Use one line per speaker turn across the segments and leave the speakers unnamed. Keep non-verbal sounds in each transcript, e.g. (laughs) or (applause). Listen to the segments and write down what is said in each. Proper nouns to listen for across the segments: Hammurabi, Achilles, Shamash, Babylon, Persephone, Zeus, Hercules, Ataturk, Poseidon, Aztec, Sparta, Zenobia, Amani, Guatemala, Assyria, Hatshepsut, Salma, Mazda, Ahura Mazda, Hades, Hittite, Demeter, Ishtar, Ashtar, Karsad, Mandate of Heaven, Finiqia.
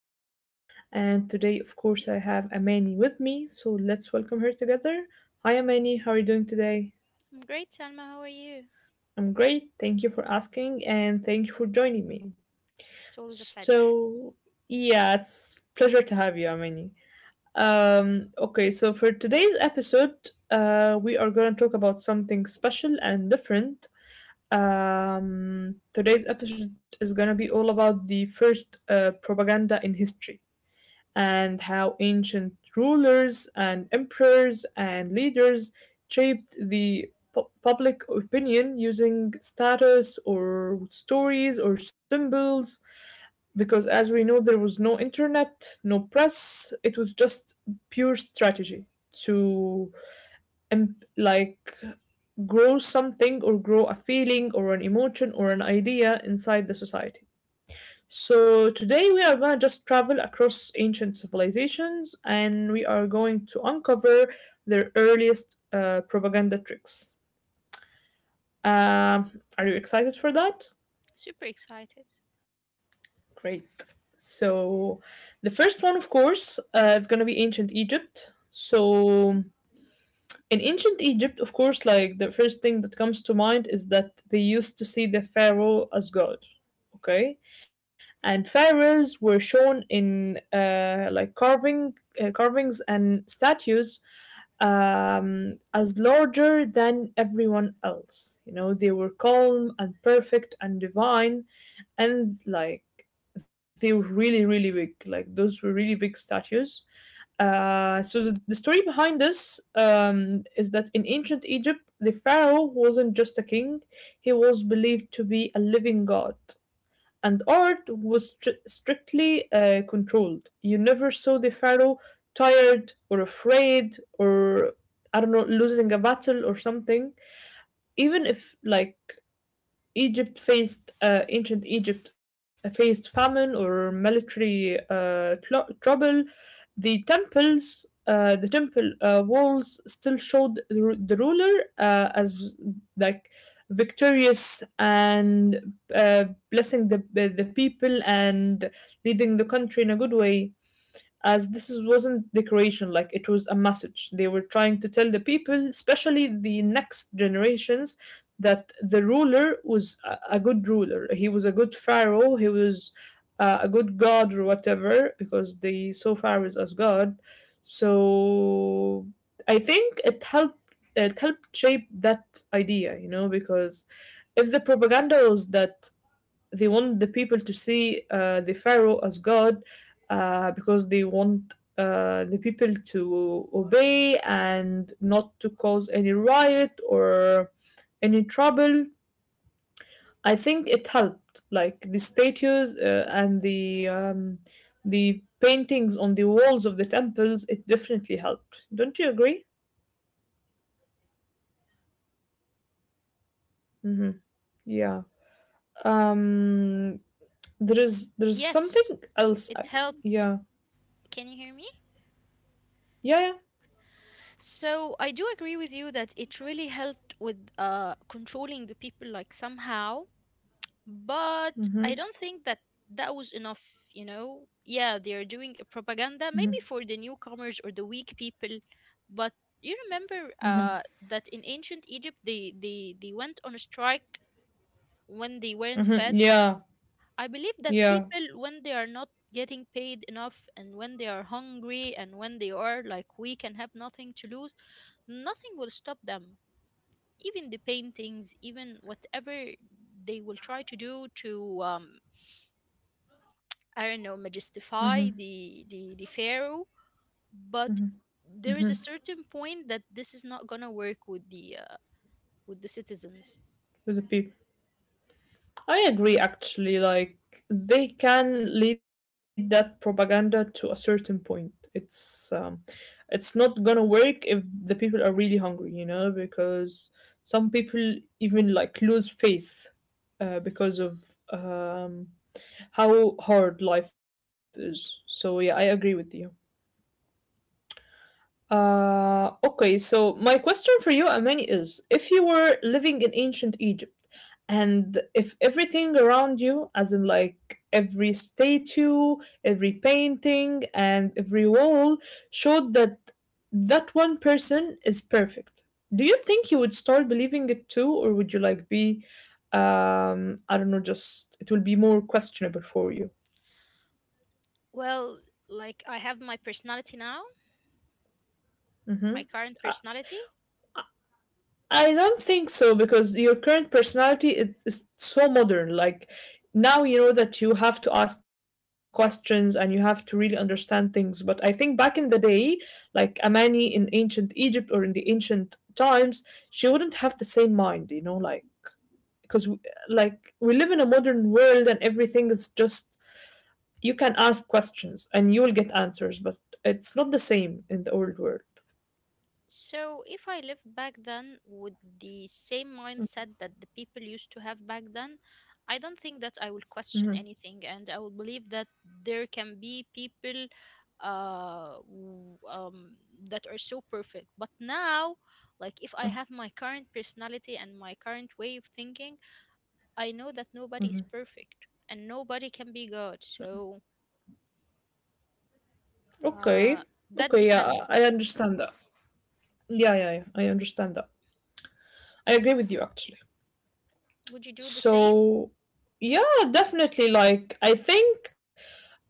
Salma, and today, of course, I have Amani with me, so let's welcome her together. Hi, Amani, how are you doing today?
I'm great, Salma. How are you?
I'm great, thank you for asking, and thank you for joining me.
It's always a pleasure.
So, yeah, it's pleasure to have you, Amani. Okay, so for today's episode, we are going to talk about something special and different. Today's episode is going to be all about the first propaganda in history. And how ancient rulers and emperors and leaders shaped the public opinion using status or stories or symbols. Because, as we know, there was no internet, no press, it was just pure strategy to like grow something or grow a feeling or an emotion or an idea inside the society. So, today we are going to just travel across ancient civilizations and we are going to uncover their earliest propaganda tricks. Um, are you excited for that?
Super excited.
Great. So, the first one, of course, it's going to be ancient Egypt. So, in ancient Egypt, of course, like the first thing that comes to mind is that they used to see the pharaoh as god, okay? And pharaohs were shown in like carvings and statues, as larger than everyone else. You know, they were calm and perfect and divine, and like they were really, really big. Like those were really big statues. So the story behind this, is that in ancient Egypt, the pharaoh wasn't just a king; he was believed to be a living god, and art was strictly controlled. You never saw the pharaoh tired or afraid or, I don't know, losing a battle or something. Even if like Egypt faced ancient Egypt faced famine or military tlo trouble. The temples, the temple walls still showed the ruler as like victorious and blessing the people and leading the country in a good way, as this is, wasn't decoration, like it was a message. They were trying to tell the people, especially the next generations, that the ruler was a good ruler. He was a good pharaoh. He was a good god or whatever, because they saw pharaohs as god. So I think it helped. It helped shape that idea, you know, because if the propaganda was that they want the people to see the pharaoh as god, because they want the people to obey and not to cause any riot or any trouble, I think it helped, like the statues and the, the paintings on the walls of the temples, it definitely helped, don't you agree? Mm-hmm. Yeah. Um there is there's something
Yes,
else.
it helped.
Yeah,
Can you hear me?
yeah,
So I do agree with you that it really helped with controlling the people, like somehow.
yeah.
But
Mm-hmm.
I don't think that that was enough. You know, yeah, they are doing a propaganda maybe for the newcomers or the weak people, but you remember that in ancient Egypt they went on a strike when they weren't fed.
Yeah.
I believe that
Yeah,
people, when they are not getting paid enough and when they are hungry and when they are like weak and have nothing to lose, nothing will stop them. Even the paintings, even whatever they will try to do to, I don't know, majestify the pharaoh. But there is a certain point that this is not gonna work with the citizens.
with the people. I agree actually, like they can lead that propaganda to a certain point. It's, it's not gonna work if the people are really hungry, you know, because some people even like lose faith because of, um how hard life is. So yeah, I agree with you. Okay, so my question for you, Amani, is if you were living in ancient Egypt, and if everything around you, as in like every statue, every painting, and every wall, showed that that one person is perfect, do you think you would start believing it too, or would you like be, I don't know, just it will be more questionable for you?
Well, like I have my personality now,
Mm-hmm.
my current personality.
I don't think so, because your current personality is so modern. Like now you know that you have to ask questions and you have to really understand things. But I think back in the day, like Amani in ancient Egypt or in the ancient times, she wouldn't have the same mind, you know, like because like we live in a modern world and everything is just you can ask questions and you will get answers, but it's not the same in the old world.
So, if I lived back then with the same mindset that the people used to have back then, I don't think that I will question anything, and I will believe that there can be people uh, w- um, that are so perfect. But now, like if I have my current personality and my current way of thinking, I know that nobody is perfect and nobody can be God. So,
Okay.
uh,
Okay,
that
yeah, I
depends.
understand that. Yeah, yeah, yeah. I understand that. I agree with you actually.
Would you do the same?
So, yeah, definitely, like I think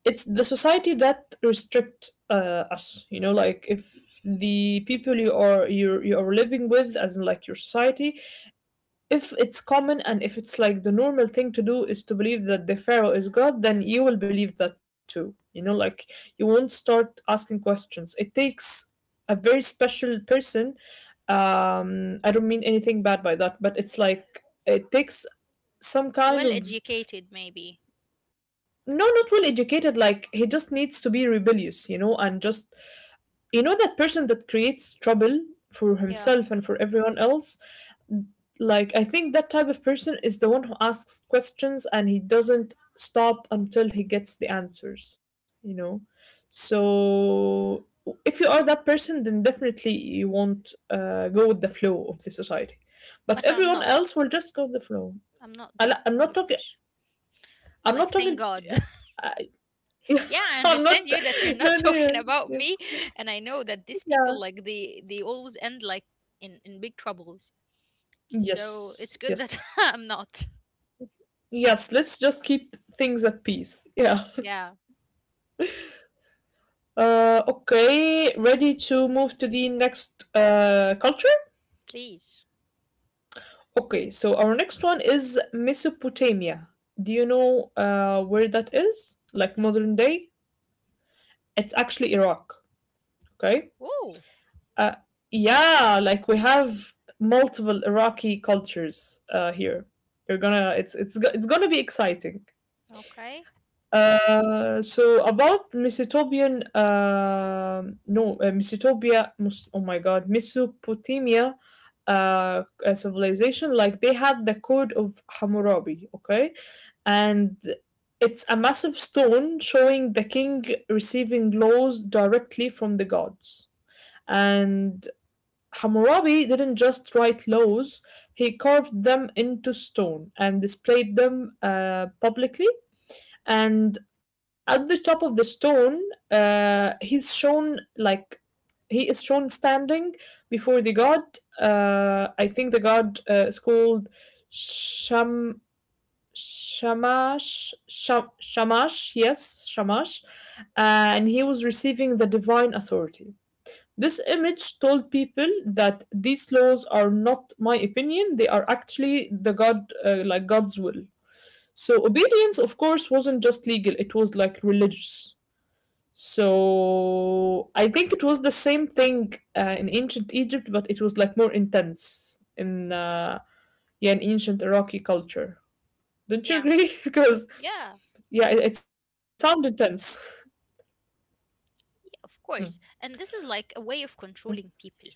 it's the society that restricts us, you know, like if the people you are, you are living with, as in like your society, if it's common and if it's like the normal thing to do is to believe that the pharaoh is god, then you will believe that too, you know, like you won't start asking questions. It takes a very special person, I don't mean anything bad by that, but it's like it takes some
Well
kind of—
educated, maybe.
No, not well educated, like he just needs to be rebellious, you know, and just, you know, that person that creates trouble for
Yeah,
himself and for everyone else. Like I think that type of person is the one who asks questions and he doesn't stop until he gets the answers, you know. So if you are that person, then definitely you won't go with the flow of the society, but
but I'm
everyone
not.
else will just go with the flow.
I'm not
I,
that
li- i'm
kind
not
of
talking,
person. Like,
I'm not
thank
talking,
God.
I, (laughs)
(laughs) Yeah, I
I'm
understand
not.
you that you're not (laughs)
No,
talking
no.
about
Yeah.
me, and I know that these people,
Yeah.
like, they always end like in big troubles. So it's
Yes,
good
yes.
that (laughs) I'm not.
Yes, let's just keep things at peace. Yeah.
Yeah,
Okay, ready to move to the next culture?
please.
Okay, so our next one is Mesopotamia. Do you know where that is? Like
No.
modern day? It's actually Iraq, okay?
Oh,
Uh, yeah, like we have multiple Iraqi cultures here. You're gonna, it's gonna be exciting.
okay.
So about Mesopotamian, no, Mesopotamian, Mes- oh my God, Mesopotamia, civilization, like they had the code of Hammurabi, okay, and it's a massive stone showing the king receiving laws directly from the gods, and Hammurabi didn't just write laws; he carved them into stone and displayed them publicly. And at the top of the stone, uh, he's shown like he is shown standing before the god, I think the god is called sham Shamash, and he was receiving the divine authority. This image told people that these laws are not my opinion, they are actually the god, like god's will. So obedience, of course, wasn't just legal, it was like religious. So I think it was the same thing in ancient Egypt, but it was like more intense in, yeah, in ancient Iraqi culture. Don't you
Yeah,
agree? (laughs) Because
yeah,
yeah, it sounds intense.
yeah,
Mm.
of course. And this is like a way of controlling people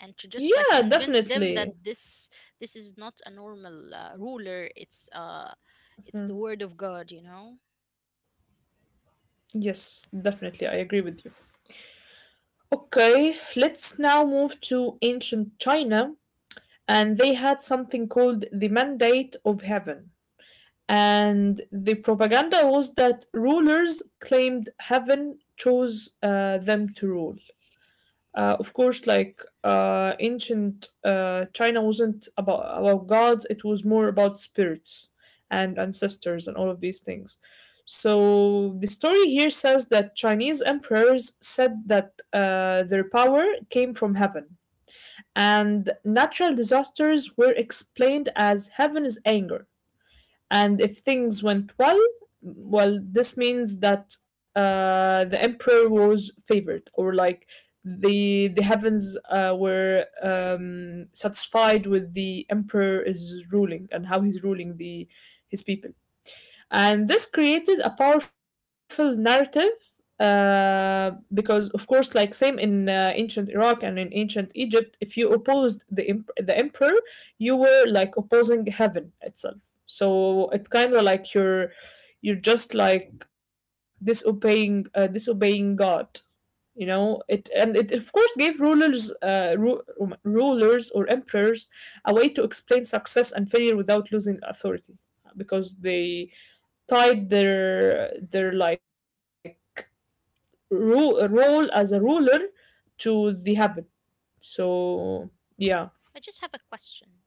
and to just like
Yeah,
convince them
definitely.
that this is not a normal ruler. It's the
Mm.
word of God,
Yes, definitely. I agree with you. Okay, let's now move to ancient China, and they had something called the Mandate of Heaven. And the propaganda was that rulers claimed heaven chose them to rule. Of course, like ancient China wasn't about gods; it was more about spirits and ancestors and all of these things. So the story here says that Chinese emperors said that their power came from heaven, and natural disasters were explained as heaven's anger. And if things went well, well, this means that the emperor was favored, or like the heavens were, satisfied with the emperor is ruling and how he's ruling the his people. And this created a powerful narrative, because of course, like same in, ancient Iraq and in ancient Egypt, if you opposed the emperor, you were like opposing heaven itself. So it's kind of like you're just like disobeying, disobeying god, you know it. And it of course gave rulers, rulers or emperors, a way to explain success and failure without losing authority, because they tied their like role as a ruler to the habit. So yeah,
I just have a question.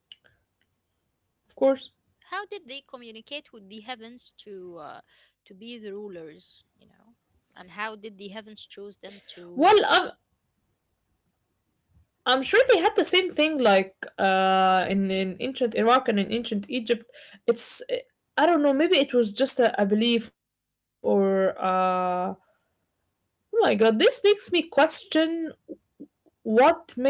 of course.
How did they communicate with the heavens to be the rulers, you know? And how did the heavens choose them
Well,
to rule?
I'm sure they had the same thing, like in ancient Iraq and in ancient Egypt. It's, I don't know. Maybe it was just a belief or. Oh my god, this makes me question— What made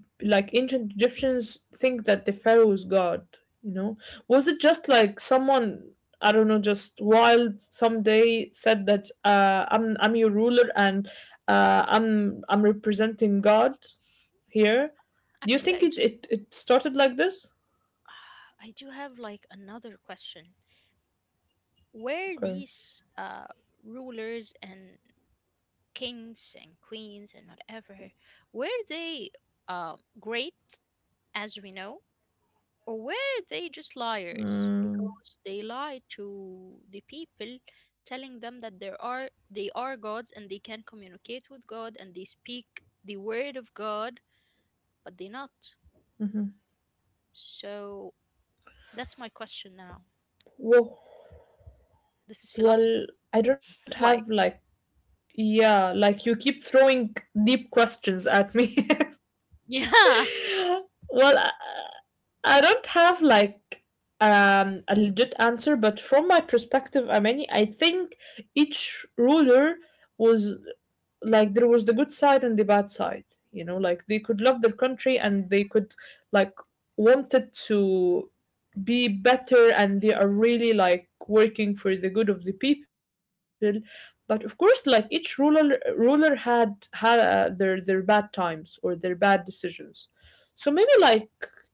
like ancient Egyptians think that the pharaoh was God? You know, was it just like someone, I don't know, just wild someday said that, I'm your ruler, and I'm representing God here? Do you
Actually,
think
I, j-
it started like this?
(sighs) I do have like another question. Were
Okay.
these rulers and kings and queens and whatever, were they great as we know? Or were they just liars
Mm.
because they lied to the people, telling them that there are they are gods and they can communicate with God and they speak the word of God, but they not.
Mm-hmm.
So that's my question now.
Well,
This is philosophy.
well, I don't have
(laughs)
like,
Like,
yeah, like you keep throwing deep questions at me. (laughs)
yeah.
Well, I don't have like, a legit answer, but from my perspective, Amani, I think each ruler was, like there was the good side and the bad side. You know, like they could love their country and they could like wanted to be better and they are really like working for the good of the people, but of course like each ruler had their bad times or their bad decisions. So maybe like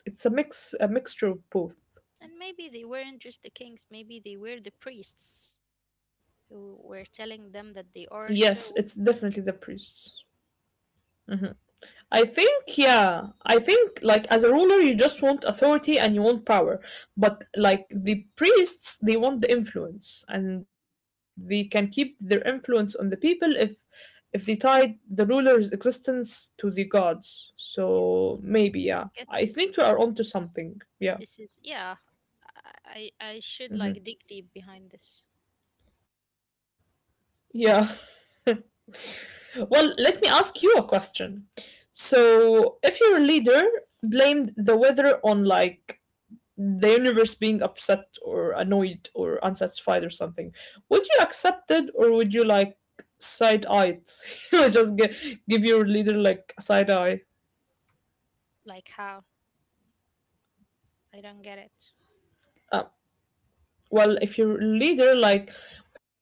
it's both. It's a mixture of
And
both.
maybe they weren't just the kings, maybe they were the priests who were telling them that they are
Yes,
so.
it's definitely the priests. I think, yeah, I think, like, as a ruler, you just want authority and you want power. But, like, the priests, they want the influence, and they can keep their influence on the people if they tied the ruler's existence to the gods.
Yes.
So
I
maybe,
guess
yeah.
this is
I think we are onto something.
this is
Yeah.
yeah. I should like dig deep
Mhm.
behind this.
Yeah. (laughs) Well, let me ask you a question. So, if your leader blamed the weather on like the universe being upset or annoyed or unsatisfied or something, would you accept it or would you like side eye it? (laughs) Just give your leader like a side eye.
Like how? I don't get it.
uh, well, if your leader like it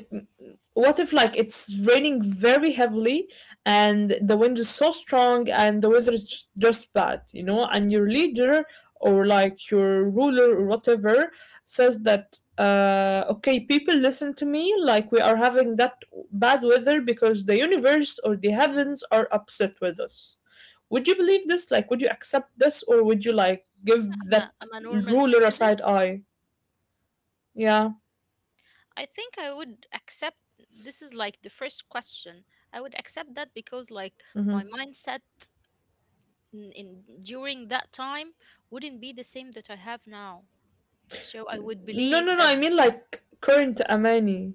what if like it's raining very heavily and the wind is so strong and the weather is just bad, you know, and your leader or like your ruler or whatever says that, uh, okay, people, listen to me, like, we are having that bad weather because the universe or the heavens are upset with us. Would you believe this? Like, would you accept this, or would you like give that
I'm a normal
ruler a
citizen.
side eye? Yeah.
I think I would accept this is like the first question. I would accept that because like
Mhm.
my mindset in during that time wouldn't be the same that I have now. So I would
No,
believe
no, no.
that
I mean like current Amani.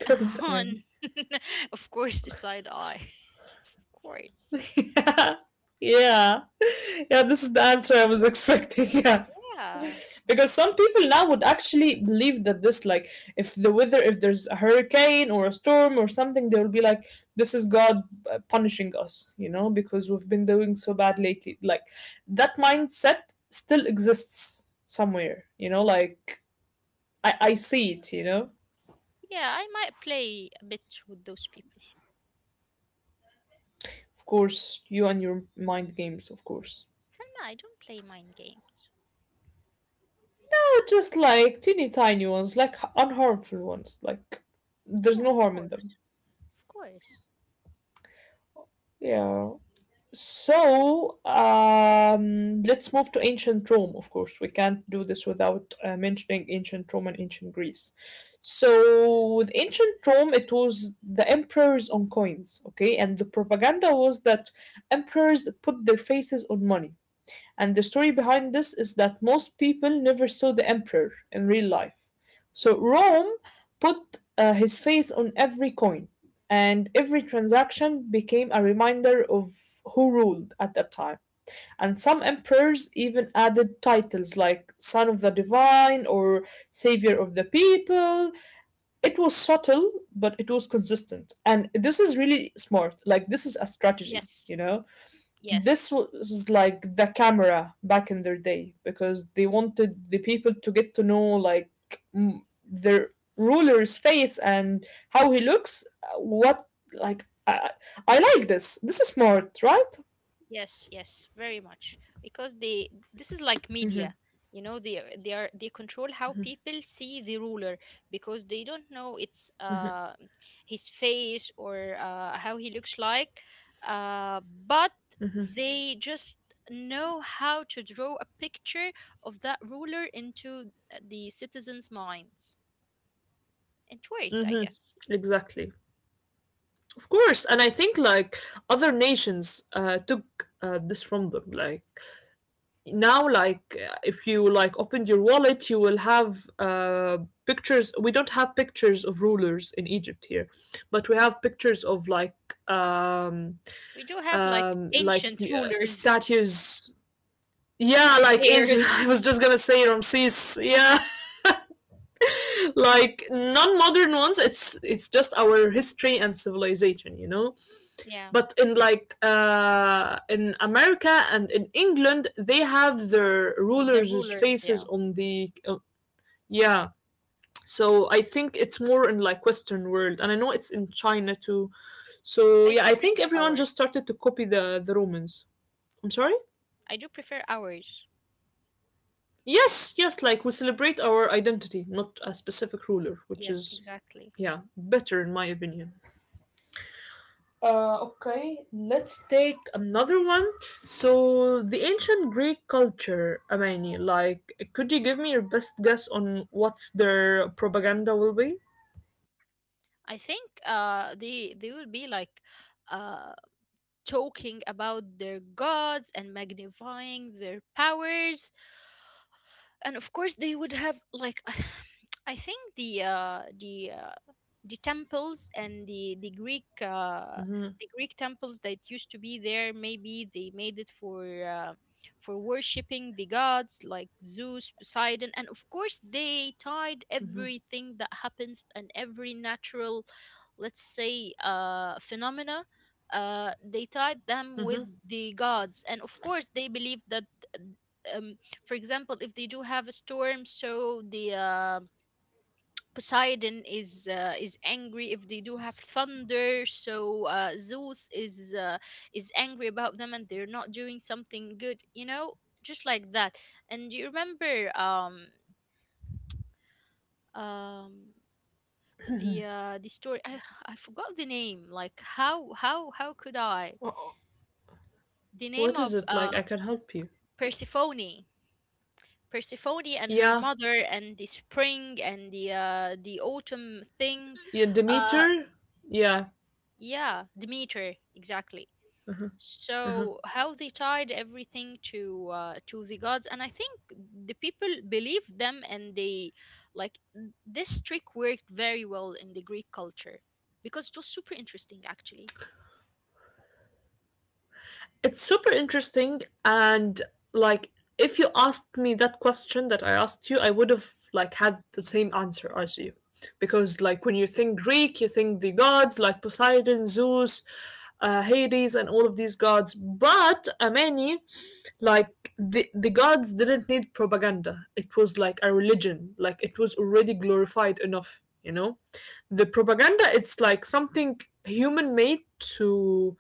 Current Amani.
on (laughs) of course the side eye. (laughs) Of course.
(laughs) Yeah. Yeah. Yeah, this is the answer I was (laughs) expecting. Yeah.
Yeah.
Because some people now would actually believe that this, like, if the weather, if there's a hurricane or a storm or something, they will be like, this is God punishing us, you know, because we've been doing so bad lately. Like, that mindset still exists somewhere, you know, like, I see it, you know.
Yeah, I might play a bit with those people.
Of course, you and your mind games, of course.
Selma, I don't play mind games.
Just like teeny tiny ones, like unharmful ones. Like there's
Yeah,
no
of
harm in them.
course. Of course.
Yeah. So let's move to ancient Rome. Of course, we can't do this without mentioning ancient Rome and ancient Greece. So with ancient Rome, it was the emperors on coins, okay, and the propaganda was that emperors put their faces on money. And the story behind this is that most people never saw the emperor in real life. So Rome put his face on every coin, and every transaction became a reminder of who ruled at that time. And some emperors even added titles like Son of the Divine or Savior of the People. It was subtle, but it was consistent. And this is really smart. Like, this is a strategy,
Yes.
you know? This
Yes,
was like the camera back in their day because they wanted the people to get to know like their ruler's face and how he looks, what like i, I like this. This is smart, right?
yes, yes, very much. Because they this is like
Mm-hmm.
media, you know, they control how people see the ruler because they don't know it's his face or how he looks like, uh but they just know how to draw a picture of that ruler into the citizens' minds. And it worked, I
Mm-hmm.
guess.
Exactly. Of course. And I think like other nations took this from them. Like now like, if you like opened your wallet you will have, pictures. We don't have pictures of rulers in Egypt here, but we have pictures of like um
We do have like
um like
ancient rulers,
statues.
(laughs) the
Yeah, like (laughs) ancient, I
pharaohs.
was just gonna say Ramses, yeah. (laughs) Like non-modern ones. It's just our history and civilization, you know.
Yeah.
But in like, in America and in England, they have their
The
rulers'
rulers,
faces
yeah.
on the yeah. So I think it's more in like Western world, and I know it's in China too. So
I
yeah,
do
I think
prefer
everyone
ours.
just started to copy the Romans. I'm sorry.
I do prefer ours.
Yes, yes, like we celebrate our identity, not a specific ruler, which
Yes,
is
exactly.
yeah, better in my opinion. Okay, let's take another one. So, the ancient Greek culture, Amani, like, could you give me your best guess on what their propaganda will be?
I think they will be like uh talking about their gods and magnifying their powers, and of course they would have like (sighs) I think the temples and the
Mm-hmm,
the Greek temples that used to be there. Maybe they made it for worshiping the gods like Zeus, Poseidon, and of course they tied
mm-hmm,
everything that happens and every natural, let's say, phenomena. They tied them with
mm-hmm.
the gods, and of course they believed that um, for example, if they do have a storm, so the Poseidon is angry if they do have thunder. So Zeus is angry about them and they're not doing something good. You know, just like that. And you remember um the story. I forgot the name. Like how could I? The name
What is
of
it like? I can help you.
Persephone. Persephone and her
Yeah,
mother and the spring and the autumn thing.
yeah,
Uh,
Demeter. Yeah,
yeah, Demeter exactly. So how they tied everything to the gods, and I think the people believed them, and they like this trick worked very well in the Greek culture because it was super interesting. Actually,
it's super interesting and like if you asked me that question that I asked you, I would have like had the same answer as you. Because like when you think Greek, you think the gods like Poseidon, Zeus, Hades and all of these gods. But Ameni, like the gods didn't need propaganda. It was like a religion. Like it was already glorified enough, you know? The propaganda, it's like something human made to,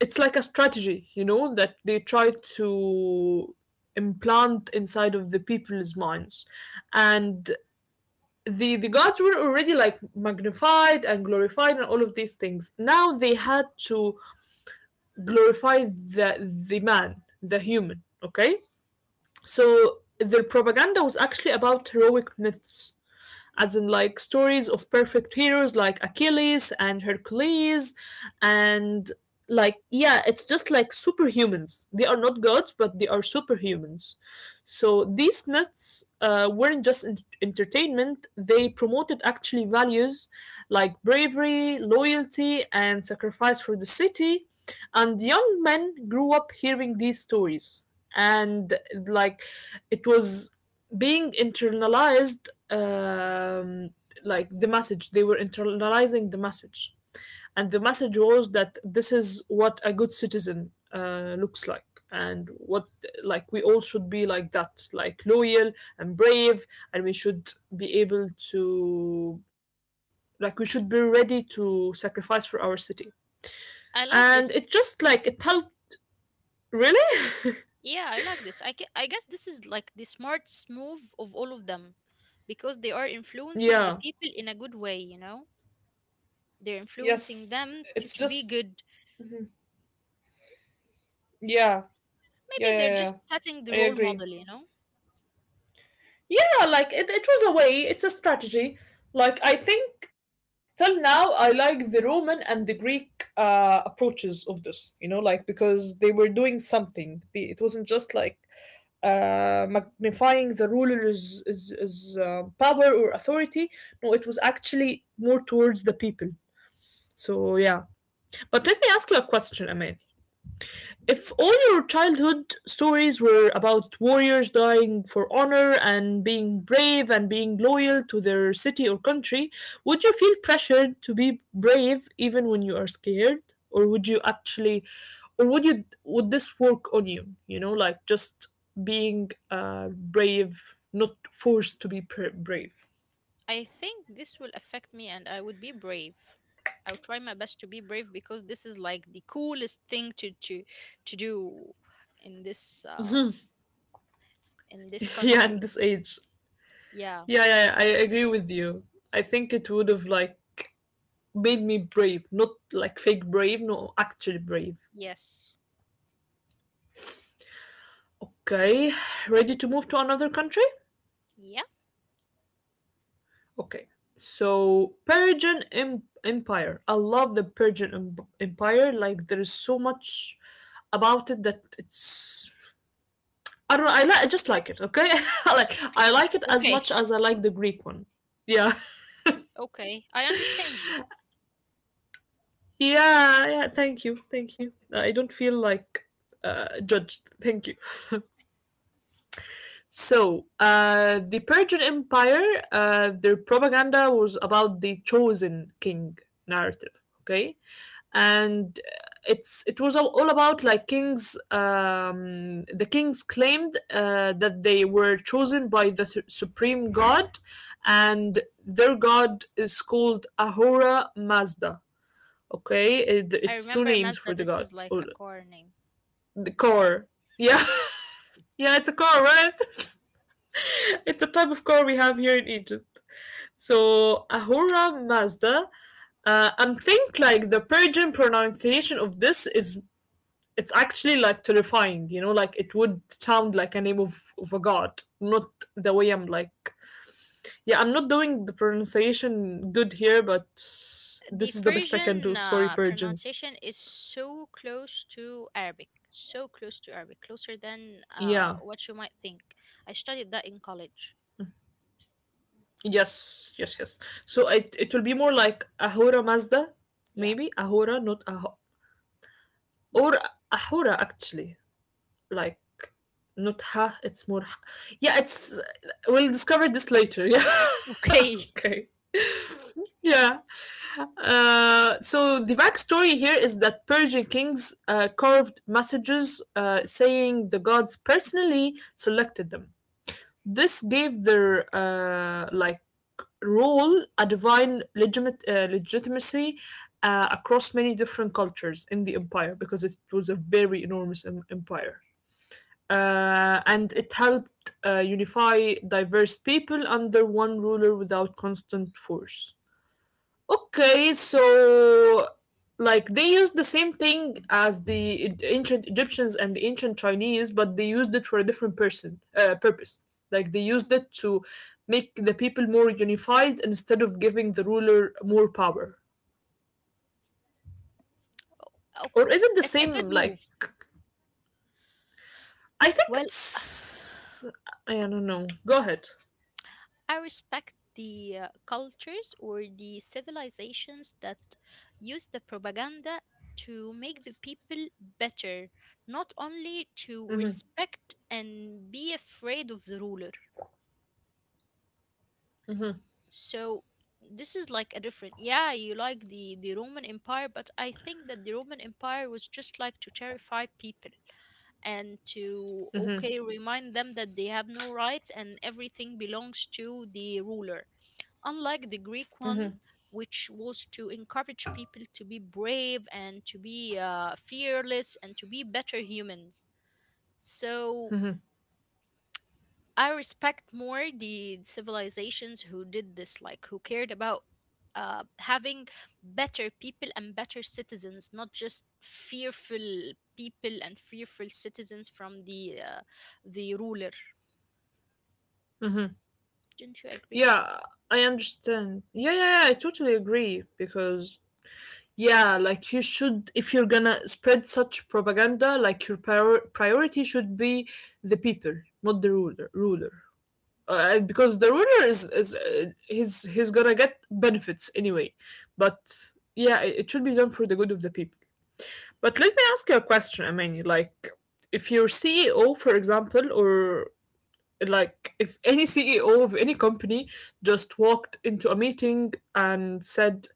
it's like a strategy, you know, that they try to implant inside of the people's minds. And the gods were already like magnified and glorified and all of these things. Now they had to glorify the man, the human, okay? So their propaganda was actually about heroic myths, as in like stories of perfect heroes like Achilles and Hercules. And like yeah, it's just like superhumans. They are not gods but they are superhumans. So these myths weren't just entertainment. They promoted actually values like bravery, loyalty and sacrifice for the city, and young men grew up hearing these stories. And like it was being internalized, um, like the message. They were internalizing the message, and the message was that this is what a good citizen looks like, and what like we all should be like that, like loyal and brave, and we should be able to, like, we should be ready to sacrifice for our city.
I like this.
And it just like it helped really.
Yeah, I like this. I guess this is like the smartest move of all of them because they are influencing the
Yeah.
people in a good way. You know, they're influencing
Yes.
them
It's
to be
just
good.
yeah. Yeah.
Maybe they're
Yeah. Yeah.
just setting the
I
role
agree.
model. You know.
Yeah, like it was a way, it's a strategy. Like I think till now I like the Roman and the Greek approaches of this, you know, like because they were doing something. The, it wasn't just like magnifying the ruler's power or authority. No, it was actually more towards the people. So yeah. But let me ask you a question, Amin, if all your childhood stories were about warriors dying for honor and being brave and being loyal to their city or country, would you feel pressured to be brave even when you are scared? Or would you actually, or would you, would this work on you? You know, like just being brave, not forced to be brave.
I think this will affect me and I would be brave. I would try my best to be brave because this is like the coolest thing to do in this um in this
(laughs) Yeah, at
country.
this age.
Yeah.
Yeah, yeah, I agree with you. I think it would have like made me brave, not like fake brave, no, actually brave.
Yes.
Okay, ready to move to another country?
Yeah.
Okay, so Persian Empire. I love the Persian Empire. Like there is so much about it that it's. I don't know. I like. I just like it. Okay, (laughs) I like. I
Okay.
like it
(laughs)
as much as I like the Greek one. Yeah,
Okay. I understand you.
(laughs) yeah, yeah. Thank you, thank you. I don't feel like judged. Thank you. So, the Persian Empire, their propaganda was about the chosen king narrative, okay? And it's it was all about like kings. The kings claimed that they were chosen by the supreme god, and their god is called Ahura Mazda. Okay, it-
I
it's two
remember
names for
Mazda,
the
this
god
is like
or
a car name.
the
I'm sorry.
car. Yeah, (laughs) yeah, it's a car, right? (laughs) It's a type of car we have here in Egypt. So Ahura Mazda, I'm think like the Persian pronunciation of this is it's actually like terrifying, you know, like it would sound like a name of a god, not the way I'm like. Yeah, I'm not doing the pronunciation good here, but
The
this is the best I can
Persian
do. Sorry, Persians.
pronunciation is so close to Arabic. So close to Arabic, closer than
Yeah.
what you might think. I studied that in college.
Yes, yes, yes. So it will be more like Ahura Mazda,
Yeah.
maybe Ahura, not Ahura, or Ahura actually. Like not ha, it's more ha. Yeah, it's we'll discover this later. (laughs) Yeah.
Okay.
Okay. Yeah. So the backstory here is that Persian kings carved messages saying the gods personally selected them. This gave their, like, role a divine legitimate legitimacy across many different cultures in the empire because it was a very enormous empire, and it helped unify diverse people under one ruler without constant force. Okay, so like they used the same thing as the ancient Egyptians and the ancient Chinese, but they used it for a different person purpose. Like they
Hmm.
used it to make the people more unified instead of giving the ruler more power.
Oh,
Or is it the
it's a
same?
good
Like
move.
I think
Well,
it's I don't know. Go ahead.
I respect the cultures or the civilizations that use the propaganda to make the people better, not only to
Mm-hmm.
respect and be afraid of the ruler. So this is like a different yeah, you like the Roman Empire, but I think that the Roman Empire was just like to terrify people and to okay remind them that they have no rights and everything belongs to the ruler, unlike the Greek one, which was to encourage people to be brave and to be fearless and to be better humans. So I respect more the civilizations who did this, like who cared about having better people and better citizens, not just fearful people and fearful citizens from the ruler.
Mm-hmm.
Don't you agree?
Yeah, I understand. Yeah, yeah, yeah, I totally agree because yeah, like you should if you're gonna spread such propaganda, like your priority should be the people, not the ruler. Ruler, because the ruler is he's gonna get benefits anyway, but yeah, it should be done for the good of the people. But let me ask you a question. I mean, like, if your CEO, for example, or like, if any CEO of any company just walked into a meeting and said,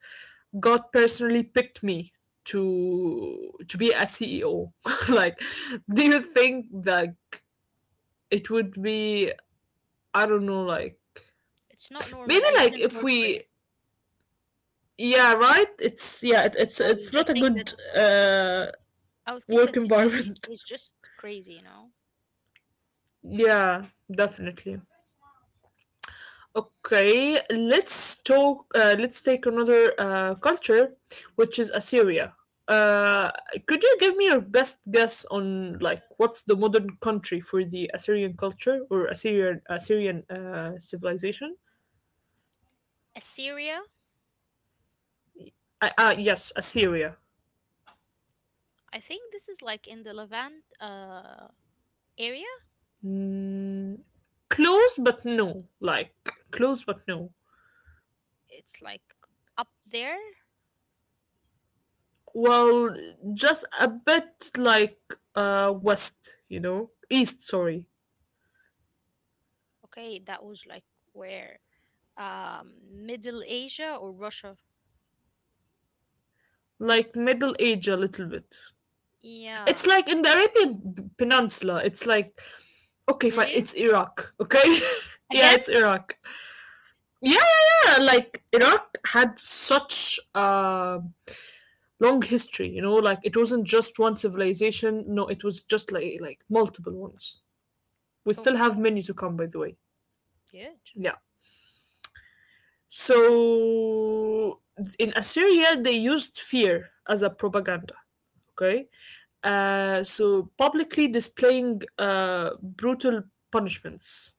"God personally picked me to be a CEO," (laughs) like, do you think that it would be, I don't know, like,
It's not normal.
maybe
I
like
wouldn't
if
work for him.
we, yeah, right? It's, yeah, it, it's,
I will
it's
just
not a
think that
good
I will think
work
that he's ju-
environment.
he's just crazy, you know.
(laughs) Yeah, definitely. Okay, let's talk. Let's take another culture, which is Assyria. Uh, could you give me your best guess on like what's the modern country for the Assyrian culture or Assyrian civilization?
Assyria.
Yes, Assyria.
I think this is like in the Levant area.
Mm, close, but no. Like close, but no.
It's like up there.
Well, just a bit like west, you know, east. Sorry,
Okay, that was like where? Middle Asia or Russia?
like Middle Age a little bit.
Yeah.
It's like in the Arabian Peninsula. It's like okay, fine.
Really?
It's Iraq. Okay, (laughs) yeah,
Again?
it's Iraq. Yeah, yeah, yeah. Like Iraq had such a long history. You know, like it wasn't just one civilization. No, it was just like multiple ones. We still
Okay,
have many to come, by the way.
good.
Yeah. So in Assyria, they used fear as a propaganda. Okay. So publicly displaying brutal punishments.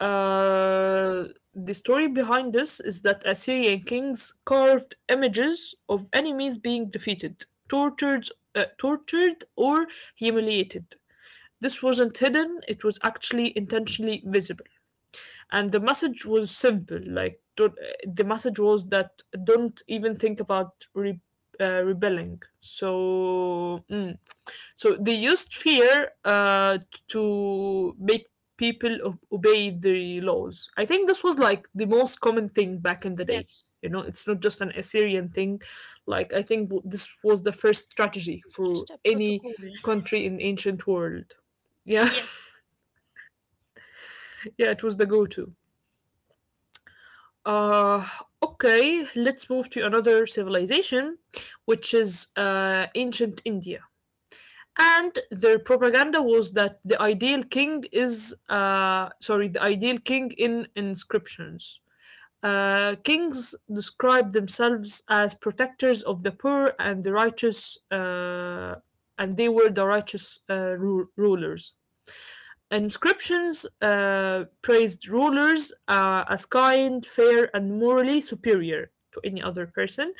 Uh, the story behind this is that Assyrian kings carved images of enemies being defeated, tortured, or humiliated. This wasn't hidden; it was actually intentionally visible, and the message was simple. Like don't, the message was that don't even think about rebelling. So. So they used fear to make people obey the laws. I think this was like the most common thing back in the day.
Yes,
You know, it's not just an Assyrian thing. Like I think this was the first strategy
it's
for
just a
any
protocol. (laughs)
country in ancient world. Yeah,
Yes,
(laughs) yeah, it was the go-to. Uh, okay, let's move to another civilization, which is ancient India, and their propaganda was that the ideal king in inscriptions, kings describe themselves as protectors of the poor and the righteous, and they were the righteous rulers. Inscriptions praised rulers as kind, fair, and morally superior to any other person,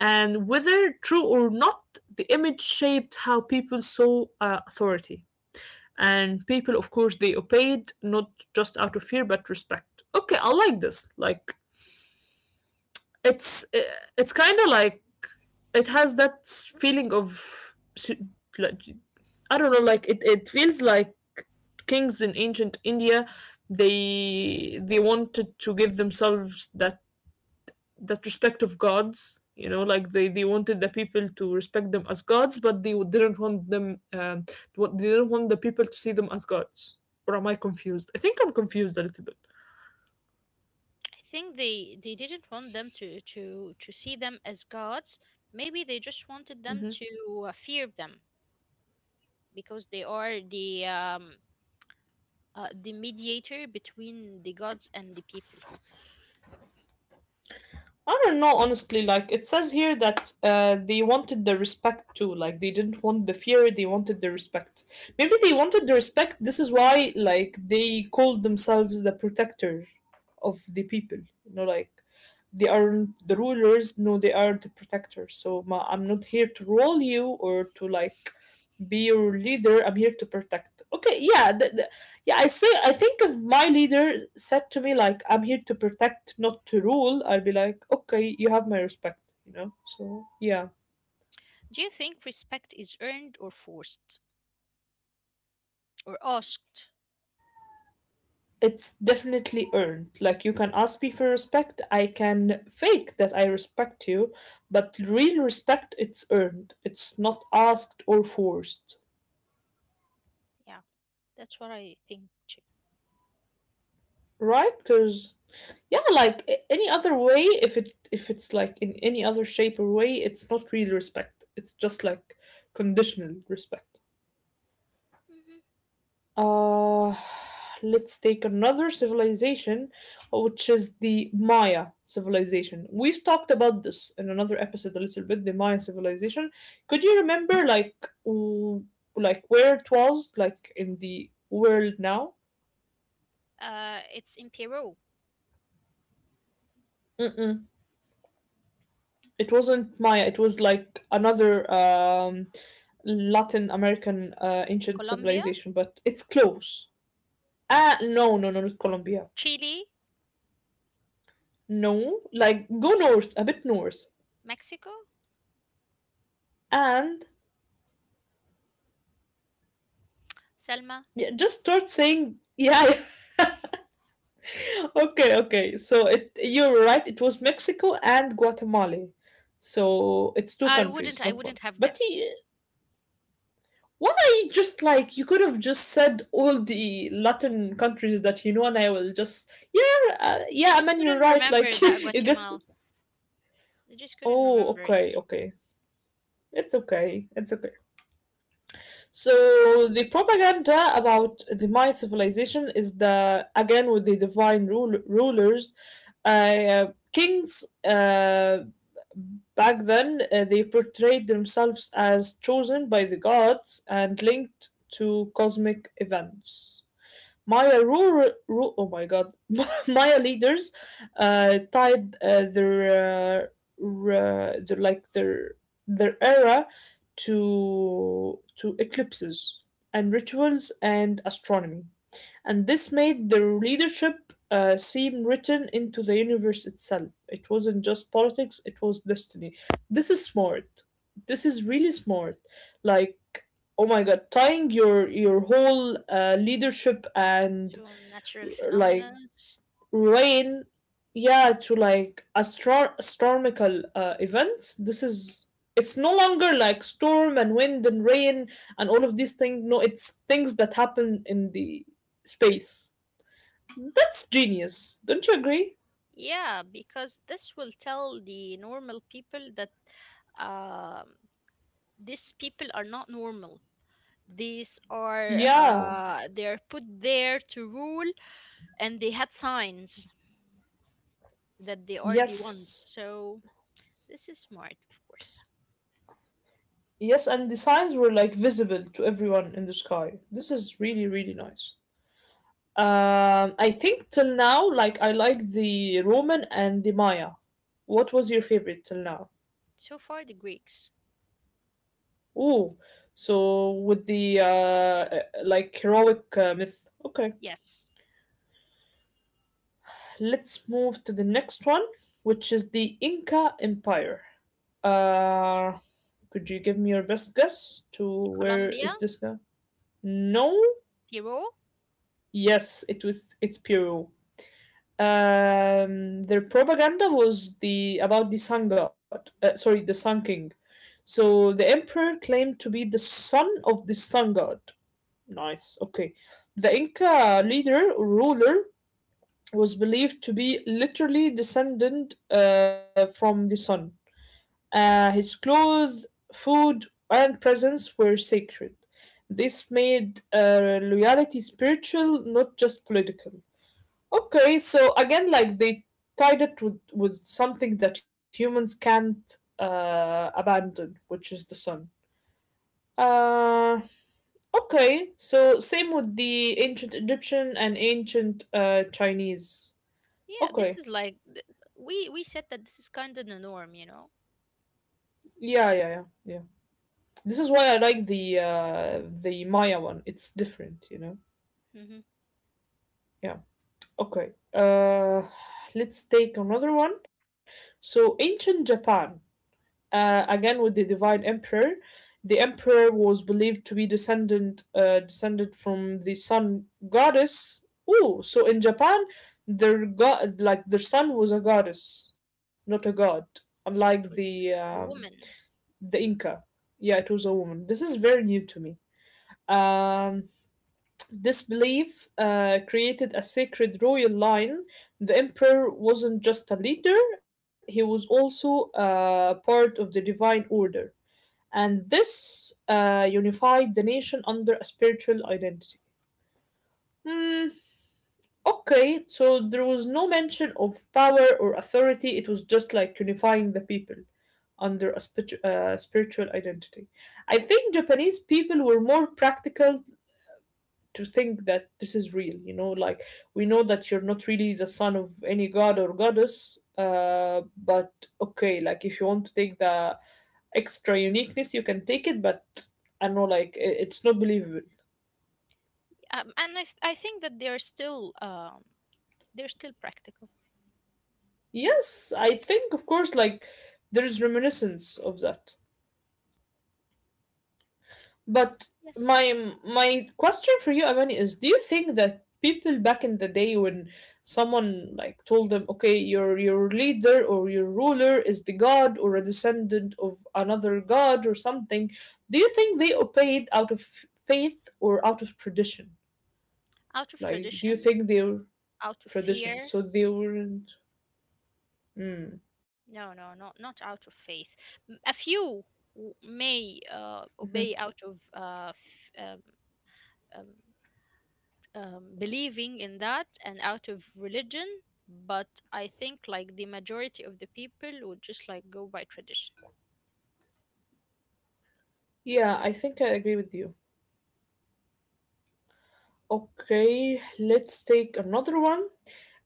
and whether true or not, the image shaped how people saw authority, and people, of course, they obeyed not just out of fear but respect. Okay, I like this. Like it's uh, it's kind of like it has that feeling of, like, I don't know, like it feels like kings in ancient India, they wanted to give themselves that respect of gods, you know, like they wanted the people to respect them as gods, but they didn't want them, they didn't want the people to see them as gods. Or am I confused? I think I'm confused a little bit.
I think they didn't want them to see them as gods. Maybe they just wanted them to fear them because they are the mediator between the gods and the people.
I don't know, honestly. Like, it says here that they wanted the respect too. Like, they didn't want the fear, they wanted the respect. Maybe they wanted the respect. This is why, like, they called themselves the protector of the people. You know, like, they aren't the rulers. No, they are the protectors. So I'm not here to rule you or to like be your leader, I'm here to protect. Okay, yeah, yeah, I say, I think if my leader said to me, like, I'm here to protect, not to rule, I would be like, okay, you have my respect, you know. So yeah,
Do you think respect is earned or forced or asked?
it's definitely earned. Like, you can ask me for respect, I can fake that I respect you, but real respect, it's earned, it's not asked or forced.
Yeah. That's what I think too.
Right? Because yeah, like any other way, if it if it's like in any other shape or way, it's not really respect. It's just like conditional respect.
Hmm.
Uh let's take another civilization, which is the Maya civilization. We've talked about this in another episode a little bit, the Maya civilization. Could you remember like w- like where it was, like in the world now?
It's in Peru,
It wasn't Maya. It was like another Latin American ancient
Colombia,
civilization, but it's close. Ah, no, no, no, not Colombia.
Chile,
No, like go north, a bit north,
Mexico.
and
Selma,
yeah, just start saying yeah. Yeah. (laughs) Okay, okay. So it you're right. It was Mexico and Guatemala. So it's two countries,
I
not one.
wouldn't have
But
guessed.
why just like you could have just said all the Latin countries that you know, and I will just yeah, yeah,
I
I
just
mean you're
couldn't
right.
remember
Like (laughs)
that
you guessed.
Guatemala. I just couldn't
Oh,
remember it.
okay, okay. It's okay. It's okay. So the propaganda about the Maya civilization is the again with the divine rulers, uh, kings. Back then, they portrayed themselves as chosen by the gods and linked to cosmic events. Oh my god, (laughs) Maya leaders tied their, ra- their like their era to eclipses and rituals and astronomy, and this made the leadership seem written into the universe itself. It wasn't just politics, it was destiny. This is smart. This is really smart. Like, oh my god, tying your whole leadership and
So natural
like
phenomena.
reign, yeah, to like astronomical events. This is it's no longer like storm and wind and rain and all of these things. No, it's things that happen in the space. That's genius, don't you agree?
Yeah, because this will tell the normal people that um, these people are not normal. These are
Yeah,
they are put there to rule, and they had signs that they are the ones.
yes,
So this is smart, of course.
yes, and the signs were like visible to everyone in the sky. This is really, really nice. I think till now, like I like the Roman and the Maya. What was your favorite till now?
So far, the Greeks.
Ooh, so with the like heroic myth. Okay.
Yes.
Let's move to the next one, which is the Inca Empire. Uh, could you give me your best guess to where
Colombia,
is this guy? No.
Peru.
Yes, it was. It's Peru. Their propaganda was the about the sun god. Sorry, the sun king. So the emperor claimed to be the son of the sun god. Nice. Okay. The Inca leader ruler was believed to be literally descended from the sun. His clothes, food, and presence were sacred. This made loyalty spiritual, not just political. Okay, so again, like they tied it with, something that humans can't abandon, which is the sun. Uh, okay, so same with the ancient Egyptian and ancient Chinese.
Yeah, this
Okay,
is like we said that this is kind of the norm, you know.
yeah, yeah, yeah, yeah. This is why I like the Maya one. It's different, you know.
Hmm.
Yeah. Okay. Let's take another one. So, ancient Japan, again with the divine emperor, the emperor was believed to be descendant descended from the sun goddess. Oh, so in Japan, their god like their sun was a goddess, not a god, unlike
So it was a woman,
the Inca. Yeah, it was a woman. This is very new to me. Um, this belief created a sacred royal line. The emperor wasn't just a leader, he was also part of the divine order. And this unified the nation under a spiritual identity. Hmm, okay, so there was no mention of power or authority, it was just like unifying the people under a spiritual identity. I think Japanese people were more practical to think that this is real, you know, like we know that you're not really the son of any god or goddess, but okay, like if you want to take the extra uniqueness, you can take it, but I know, like it's not believable.
I think that they're still practical.
Yes, I think of course, like there is reminiscence of that. But
Yes,
my question for you, Amani, is do you think that people back in the day when someone like told them, okay, your leader or your ruler is the god or a descendant of another god or something, do you think they obeyed out of faith or out of tradition?
out of
Like, do you
tradition,
think they were
out of
tradition?
fear.
So they weren't.
No, no, not not out of faith. A few may obey out of um, believing in that and out of religion, but I think like the majority of the people would just like go by tradition.
Yeah, I think I agree with you. Okay, let's take another one.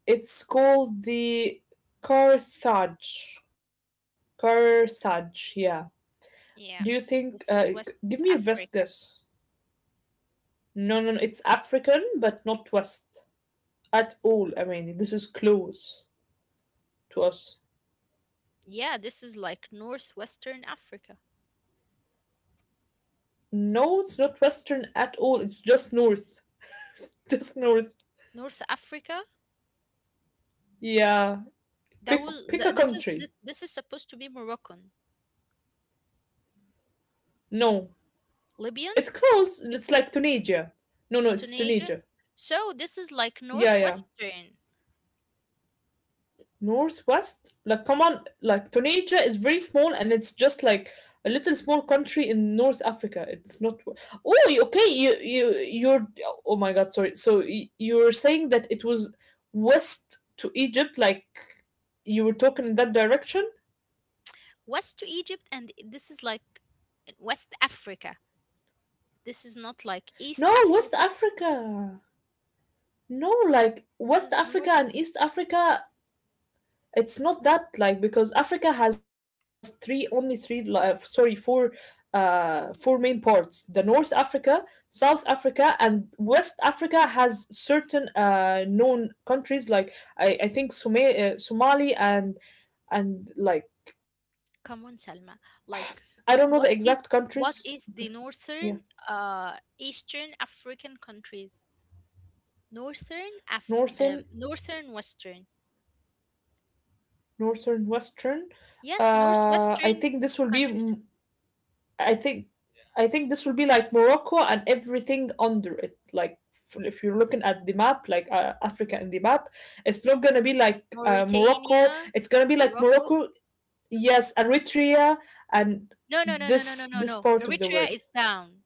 It's called the Carthage. Carthage, yeah. Do you
Yeah,
think?
this is
Give me your
West
best
Africa.
guess. No, no, no. It's African, but not West at all. I mean, this is close to us.
Yeah, this is like northwestern Africa.
No, it's not Western at all. It's just North, (laughs) just North.
North Africa.
Yeah.
That was
Pick a
th- this is
country.
th- This is supposed to be Moroccan.
No,
Libyan.
it's close. It's like Tunisia. No, no, it's
Tunisia.
Tunisia.
So this is like
Yeah, yeah.
northwestern.
Northwest? Like, come on, like Tunisia is very small and it's just like a little small country in North Africa. It's not. Oh, okay. You're. Oh my God, sorry. So you're saying that it was west to Egypt, like you were talking in that direction?
West to Egypt, and this is like West Africa. This is not like East
No, West
Africa.
Africa. No, like
This
West
is
Africa
north.
and East Africa. It's not that like because Africa has three only three li- sorry four four main parts, the North Africa, South Africa, and West Africa has certain known countries like I think Somali and like
Come on, Salma.
I don't know the
Like,
exact
what is
countries. Okay,
what is the
yeah,
northern, uh, Eastern African countries?
northern,
Northern Western.
western.
Yes,
I
northwestern
think this will be
countries.
I think this will be like Morocco and everything under it. Like if you're looking at the map, like Africa in the map, it's not gonna be like Morocco.
Mauritania,
It's gonna be like
Morocco.
Morocco, yes, Eritrea, and
No, no, no, no, no, no,
this
no,
this
no.
part of the
Eritrea
world.
is down.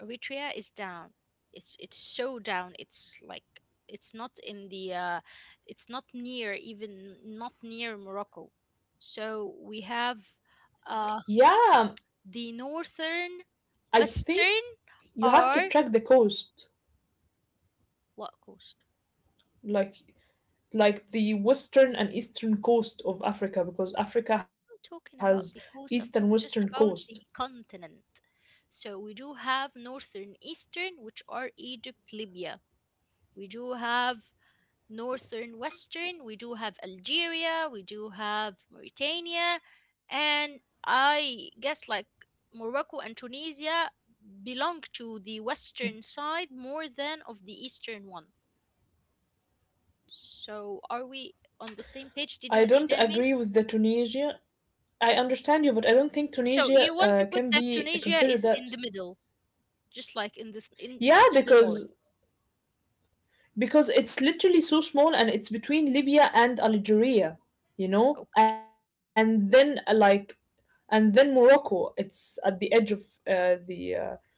Eritrea is down. It's so down. It's like it's not in the it's not near even not near Morocco. So we have. Uh,
Yeah,
the northern,
I think
western,
you have to
or
track the coast,
what coast?
like like the western and eastern coast of Africa, because Africa
I'm
has
not talking
east
about
and
the
western
coast, I'm talking
coast.
just about the continent. So we do have northern, eastern, which are Egypt, Libya. We do have northern, western, we do have Algeria, we do have Mauritania, and I guess like Morocco and Tunisia belong to the western side more than of the eastern one. So are we on the same page? Did you
I don't
understand me?
agree with the Tunisia. I understand you, but I don't think
So you
Tunisia
want to put
can
that
be
Tunisia
considered
is in the
that.
middle, just like in the th- in just
Yeah,
in the north.
because it's literally so small and it's between Libya and Algeria, you know,
Okay,
and then and then Morocco. It's at the edge of uh, the. Uh,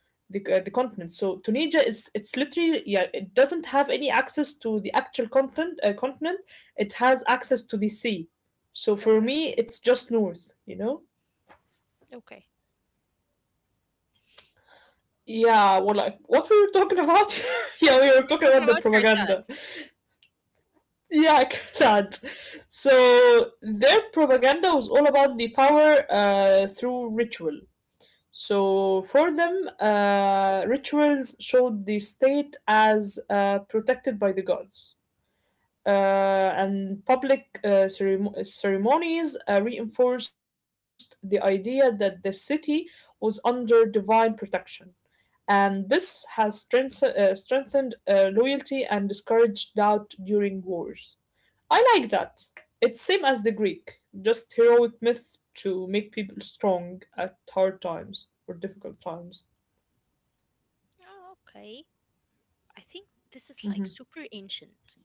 the continent. So Tunisia is, it's literally, yeah, it doesn't have any access to the actual continent. It has access to the sea, so for
okay,
me it's just north, you know.
okay.
Yeah, well, like what we were talking about? (laughs) Yeah, we
We were
were talking
talking
about the
about Karsad.
propaganda. Yeah, (laughs) that. So their propaganda was all about the power through ritual. So for them, rituals showed the state as protected by the gods, uh, and public ceremonies reinforced the idea that the city was under divine protection, and this has strengthened loyalty and discouraged doubt during wars. I like that. It's same as the Greek, just heroic myth to make people strong at hard times or difficult times.
Oh, okay. I think this is like
Mhm.
super ancient.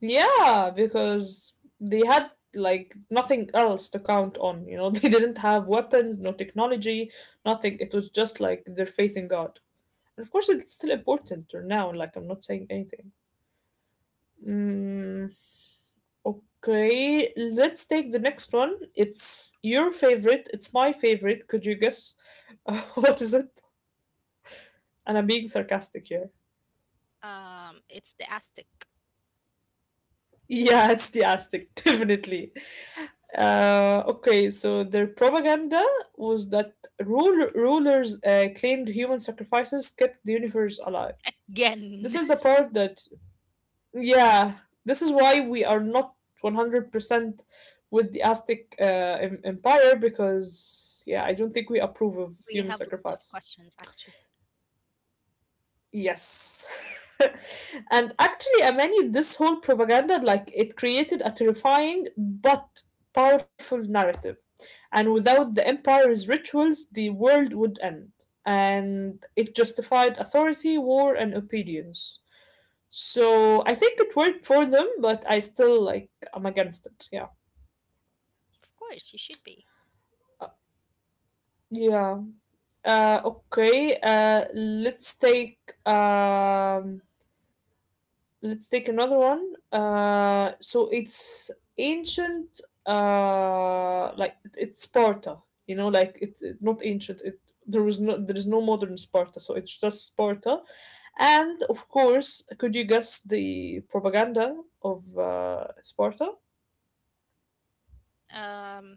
Yeah, because they had like nothing else to count on. You know, (laughs) they didn't have weapons, no technology, nothing. It was just like their faith in God. And of course, it's still important till now. Like, I'm not saying anything. Mm. Okay, let's take the next one. It's your favorite. It's my favorite. Could you guess (laughs) what is it? And I'm being sarcastic here.
It's the Aztec.
Yeah, it's the Aztec, (laughs) definitely. Okay, so their propaganda was that rulers claimed human sacrifices kept the universe alive. This
Again,
is the part that, yeah, this is why we are not 100% with the Aztec empire because, yeah, I don't think we approve of
(laughs) we
human
have lots of
sacrifice.
questions actually.
Yes. (laughs) And actually, Amani, this whole propaganda, like, it created a terrifying but powerful narrative. And without the empire's rituals, the world would end. And it justified authority, war, and obedience. So I think it worked for them, but I still, like, I'm against it. Yeah.
Of course, you should be.
Uh, Yeah. Okay, um, let's take another one. So it's ancient. Like, it's Sparta. You know, like, it's not ancient. It There was no, there is no modern Sparta, so it's just Sparta. And of course, could you guess the propaganda of Sparta?
Um,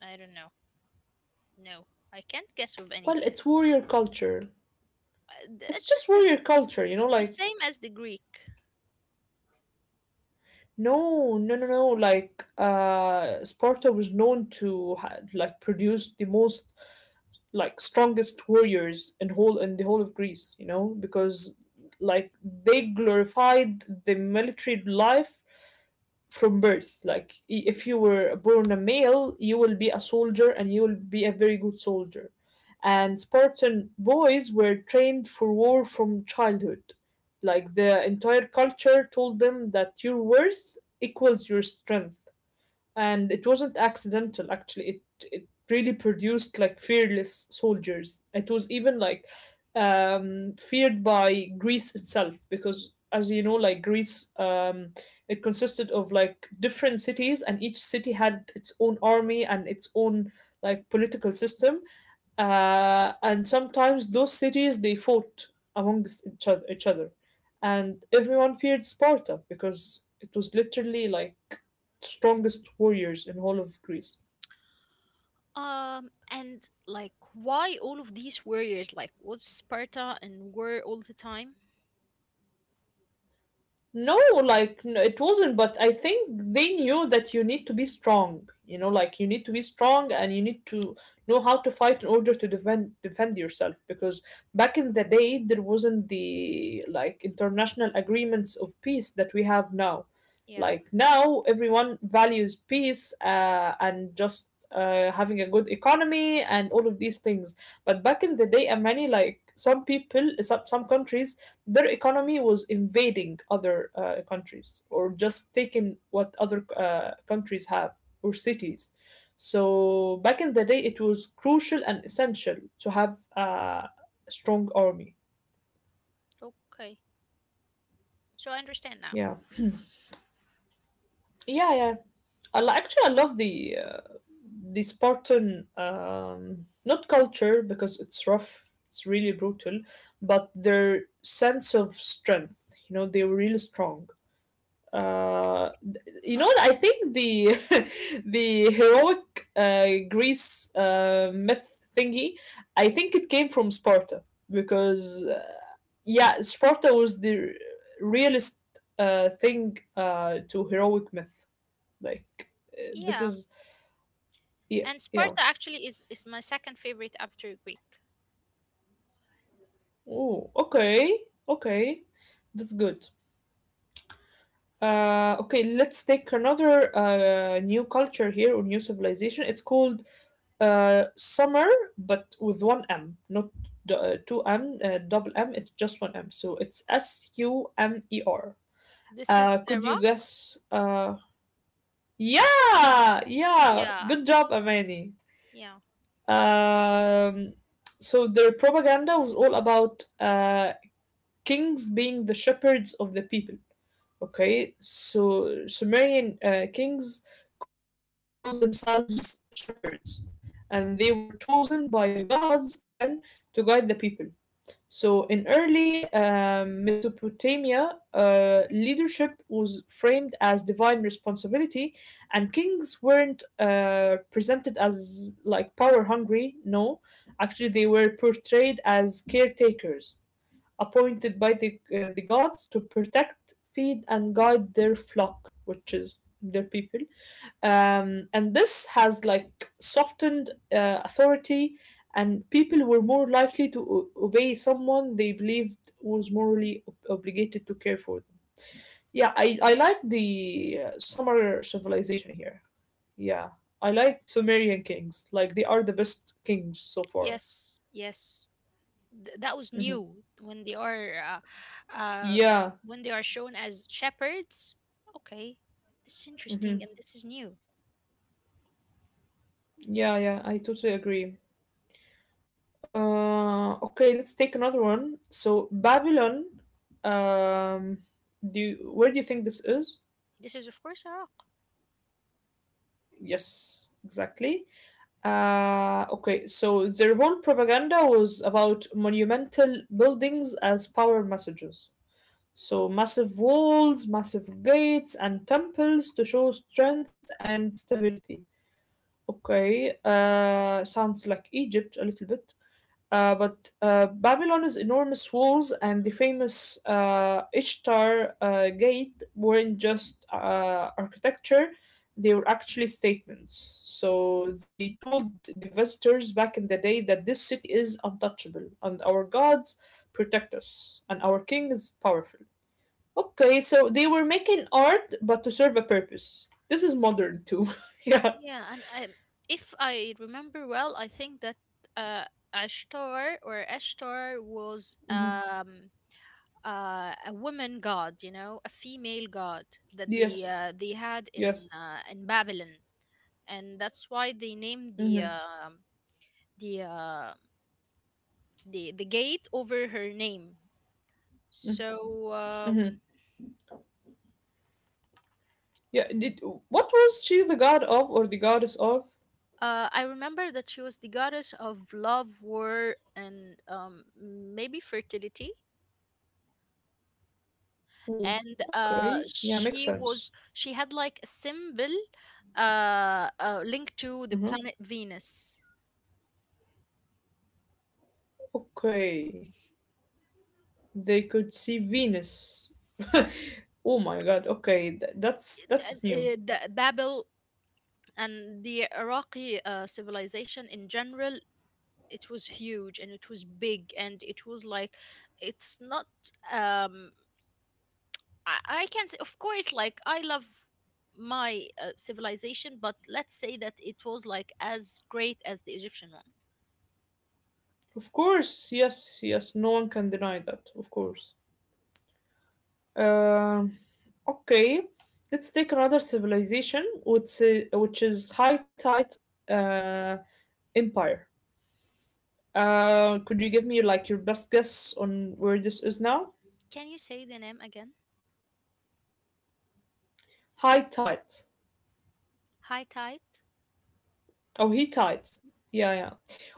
I don't know. No, I can't guess of
Well,
anything.
it's warrior culture. It's
It's
just
just
warrior culture, you know,
the
like,
same as the Greek.
no, no, no, no. Like, Sparta was known to like produce the most, like, strongest warriors in whole in the whole of Greece, you know, because, like, they glorified the military life from birth. Like, if you were born a male, you will be a soldier and you will be a very good soldier. And Spartan boys were trained for war from childhood. Like, the entire culture told them that your worth equals your strength, and it wasn't accidental. Actually, it really produced like fearless soldiers. It was even like feared by Greece itself, because as you know, like, Greece it consisted of like different cities, and each city had its own army and its own like political system, and sometimes those cities they fought amongst each other, and everyone feared Sparta because it was literally like strongest warriors in all of Greece.
And like, why all of these warriors? Like, was Sparta in war all the time?
No, like, no, it wasn't, but I think they knew that you need to be strong. You know, like, you need to be strong and you need to know how to fight in order to defend yourself, because back in the day there wasn't the like international agreements of peace that we have now.
Yeah,
Like, now everyone values peace and just having a good economy and all of these things. But back in the day, and many, like, some people, some countries, their economy was invading other countries, or just taking what other countries have, or cities. So back in the day, it was crucial and essential to have a strong army.
okay. So I understand now.
Yeah, yeah, yeah. Actually, I love the Spartan not culture, because it's rough, it's really brutal, but their sense of strength. You know, they were really strong. uh you know, I think the (laughs) the heroic Greece myth thingy, I think it came from Sparta, because yeah, Sparta was the realist thing to heroic myth, like, this
Yeah,
is, yeah,
and
yeah,
Sparta actually is my second favorite after Greek.
oh okay, okay, that's good. Okay, let's take another new culture here or new civilization. It's called summer, but with one M, not two M, double M. It's just one M. So it's Sumer.
This is
Could you
era.
guess? Yeah, yeah.
Yeah,
Good job, Amani.
yeah,
Um, so their propaganda was all about kings being the shepherds of the people. Okay, so Sumerian kings called themselves shepherds, and they were chosen by the gods again to guide the people. So, in early Mesopotamia, leadership was framed as divine responsibility, and kings weren't presented as like power hungry. No, actually, they were portrayed as caretakers, appointed by the gods to protect, feed, and guide their flock, which is their people. And this has like softened authority, and people were more likely to obey someone they believed was morally obligated to care for them. Yeah, I like the Sumer civilization here. Yeah, I like Sumerian kings. Like, they are the best kings so far.
yes, yes. That was new
Hmm.
uh, uh, when they are
Yeah.
shown as shepherds. Okay, this is interesting and this is
Hmm.
new.
Yeah, yeah, I totally agree. Okay, let's take another one. So Babylon, um, do you, where do you think this is?
This is of course Iraq.
Yes, exactly. Okay, so their whole propaganda was about monumental buildings as power messages. So massive walls, massive gates, and temples to show strength and stability. Okay, sounds like Egypt a little bit. But Babylon's enormous walls and the famous Ishtar Gate weren't just architecture, they were actually statements. So they told the visitors back in the day that this city is untouchable and our gods protect us and our king is powerful. Okay, so they were making art but to serve a purpose. This is modern too.
Yeah,
(laughs)
and
Yeah.
I, if I remember well, I think that uh, Ashtar or Ashtar was
Mhm.
a woman god, you know, a female god that they had
Yes.
in in
Yes.
Babylon, and that's why they named
Mm-hmm.
the uh, the the gate over her name. So
Mm-hmm. Yeah, did, what was she the god of, or the goddess of?
I remember that she was the goddess of love, war, and maybe fertility and
Ooh, okay. Yeah,
she
makes
was
sense.
she had like a symbol linked to the planet
Hmm.
Venus.
Okay. They could see Venus. (laughs) Oh my god. Okay, that's
N-
that's new.
the Babel and the Iraqi civilization in general, it was huge and it was big and it was like it's not um I, can say of course like I love my civilization, but let's say that it was like as great as the Egyptian one.
Of course. Yes, yes. No one can deny that. Of course. Um okay. Let's take another civilization, which is high tide uh empire. Could you give me like your best guess on where this is now?
Can you say the name again?
High tides.
Hittite.
Oh, he tides. Yeah, yeah.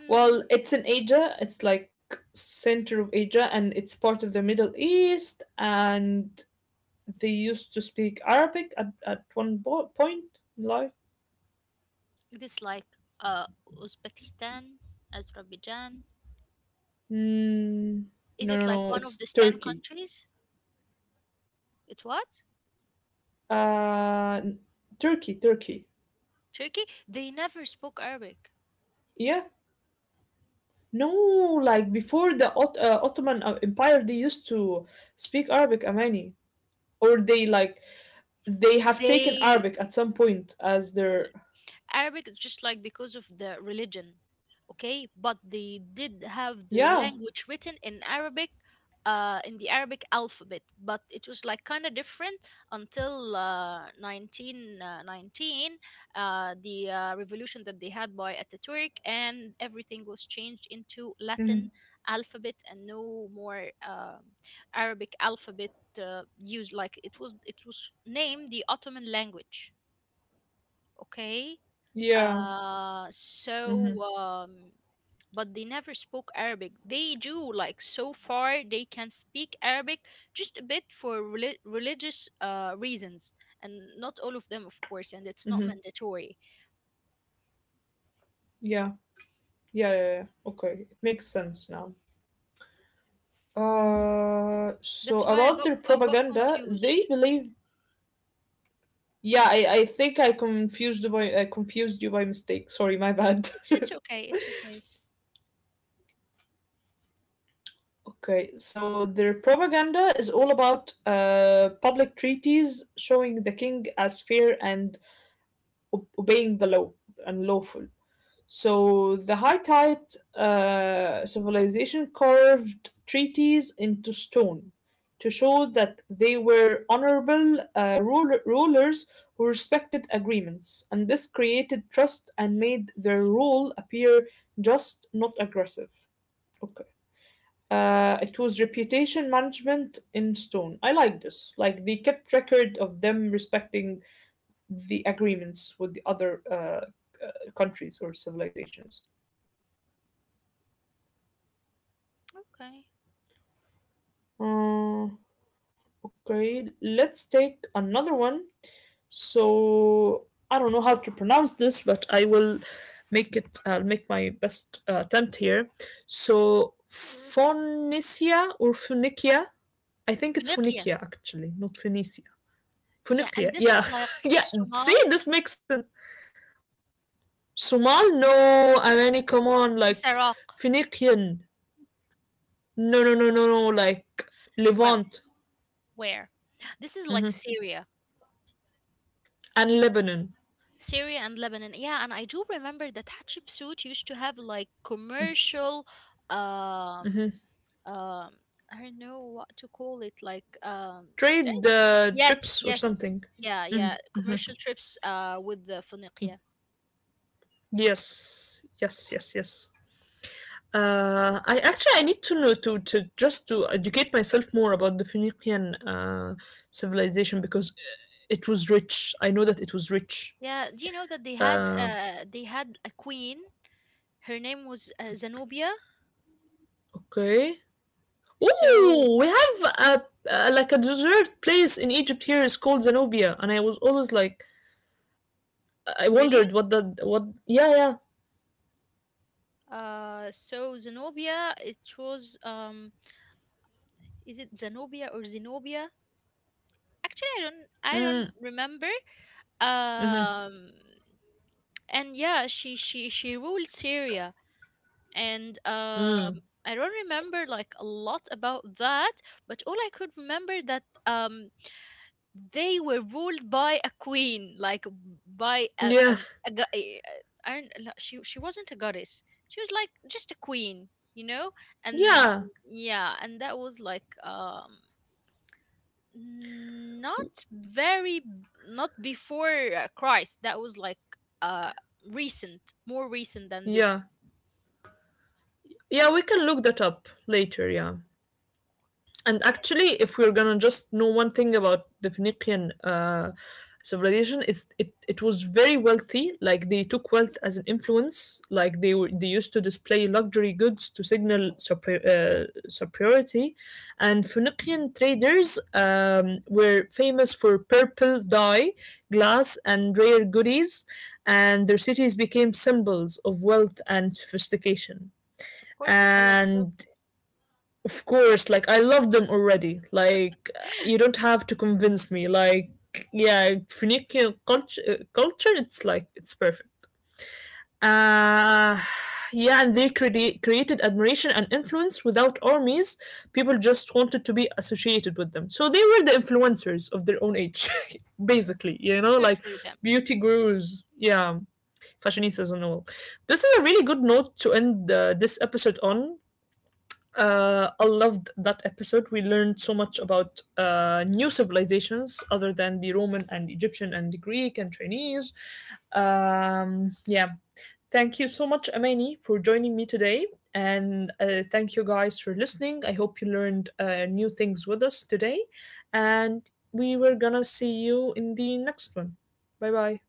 Well, it's in Asia. It's like center of Asia, and it's part of the Middle East. And they used to speak Arabic at one point in life.
It is like uh, Uzbekistan, Azerbaijan.
Mm,
Is
no,
it
no,
like
no.
one of
It's
these 10
Turkey.
countries? It's what?
Uh, Turkey, Turkey.
Turkey? They never spoke Arabic.
Yeah. No, like, before the Ottoman Empire, they used to speak Arabic, Amani, or they, like, they have taken
They.
Arabic at some point as
No,
their,
Arabic is just like because of the religion, okay? But they did have
yeah,
their language written in Arabic, in the Arabic alphabet, but it was like kind of different until 1919, the revolution that they had by Ataturk, and everything was changed into
mhm,
Latin alphabet and no more Arabic alphabet used. Like it was named the Ottoman language, okay?
yeah,
Uh, so
hmm,
um, but they never spoke Arabic. They do, like, so far they can speak Arabic just a bit for religious reasons, and not all of them, of course, and it's not
hmm,
mandatory.
yeah, yeah, yeah, yeah, okay, it makes sense now. So
That's why
about their
I got
propaganda, they
confused.
believe, yeah, I think I confused you by, I confused you by mistake, sorry, my bad.
It's okay. It's okay.
(laughs) Okay, so their propaganda is all about public treaties showing the king as fair and obeying the law and lawful. So the Hittite civilization carved treaties into stone to show that they were honorable rulers who respected agreements, and this created trust and made their rule appear just, not aggressive. Okay. It was reputation management in stone. I like this. Like, they kept record of them respecting the agreements with the other countries or civilizations.
Okay.
Uh, Okay, let's take another one. So I don't know how to pronounce this, but I will make it. I'll make my best attempt here. So Phoenicia or Phoenicia? I think it's
Finiqia.
Phoenicia actually, not Phoenicia.
Yeah, and
Phoenicia,
this
yeah,
is like
(laughs) yeah. See,
Somal,
this makes sense. Somal? No, I mean, come on,
this
like,
Iraq.
Phoenician. No, no, no, no, no, like,
Well,
Levant.
where? This is like
Hmm.
Syria.
And Lebanon.
Syria and Lebanon. Yeah, and I do remember that Hatshepsut used to have like commercial um
Hmm.
um I don't know what to call it, like eh?
Trade
Yes,
trips or
yes.
something.
Yeah, yeah,
Mhm, mhm.
commercial trips with the Phoenicia.
Yes, yes, yes, yes. I actually, I need to know, to just to educate myself more about the Phoenician civilization, because it was rich. I know that it was rich.
Yeah, do you know that
Uh,
they had a queen. Her name was Zenobia.
okay.
So
Oh, we have a, a like a dessert place in Egypt here is called Zenobia, and I was always like, I
really?
wondered what that, what, yeah, yeah.
So Zenobia, it was is it Zenobia or Zenobia? Actually, I don't
Mm,
remember.
mm-hmm.
um and yeah, she ruled Syria and
Mm.
I don't remember like a lot about that, but all I could remember that they were ruled by a queen, like by a,
Yeah.
um, a, gu- a, a I don't, No, she wasn't a goddess, she was like just a queen, you know. And
Yeah.
yeah, and that was like mm, not very, not before Christ. That was like uh recent, more recent than
Yeah.
this.
Yeah, we can look that up later, yeah. And
Yes,
actually, if we're gonna just know one thing about the Phoenician civilization, is it, it was very wealthy. Like, they took wealth as an influence. Like, they were, they used to display luxury goods to signal superiority. And Phoenician traders were famous for purple dye, glass, and rare goodies. And their cities became symbols of wealth and sophistication,
of course, the color
and
purple.
of course, like, I love them already. Like, you don't
(laughs)
have to convince me. Like, yeah, culture, it's like, it's perfect. Uh yeah, and created admiration and influence without armies. People just wanted to be associated with them. So they were the influencers of their own age, (laughs) basically, you know,
Good
like,
for them.
beauty gurus, yeah, fashionistas and all. This is a really good note to end this episode on. I loved that episode. We learned so much about new civilizations other than the Roman and Egyptian and the Greek and Chinese. Yeah. Thank you so much, Amani, for joining me today. And thank you guys for listening. I hope you learned new things with us today. And we were gonna see you in the next one. Bye bye.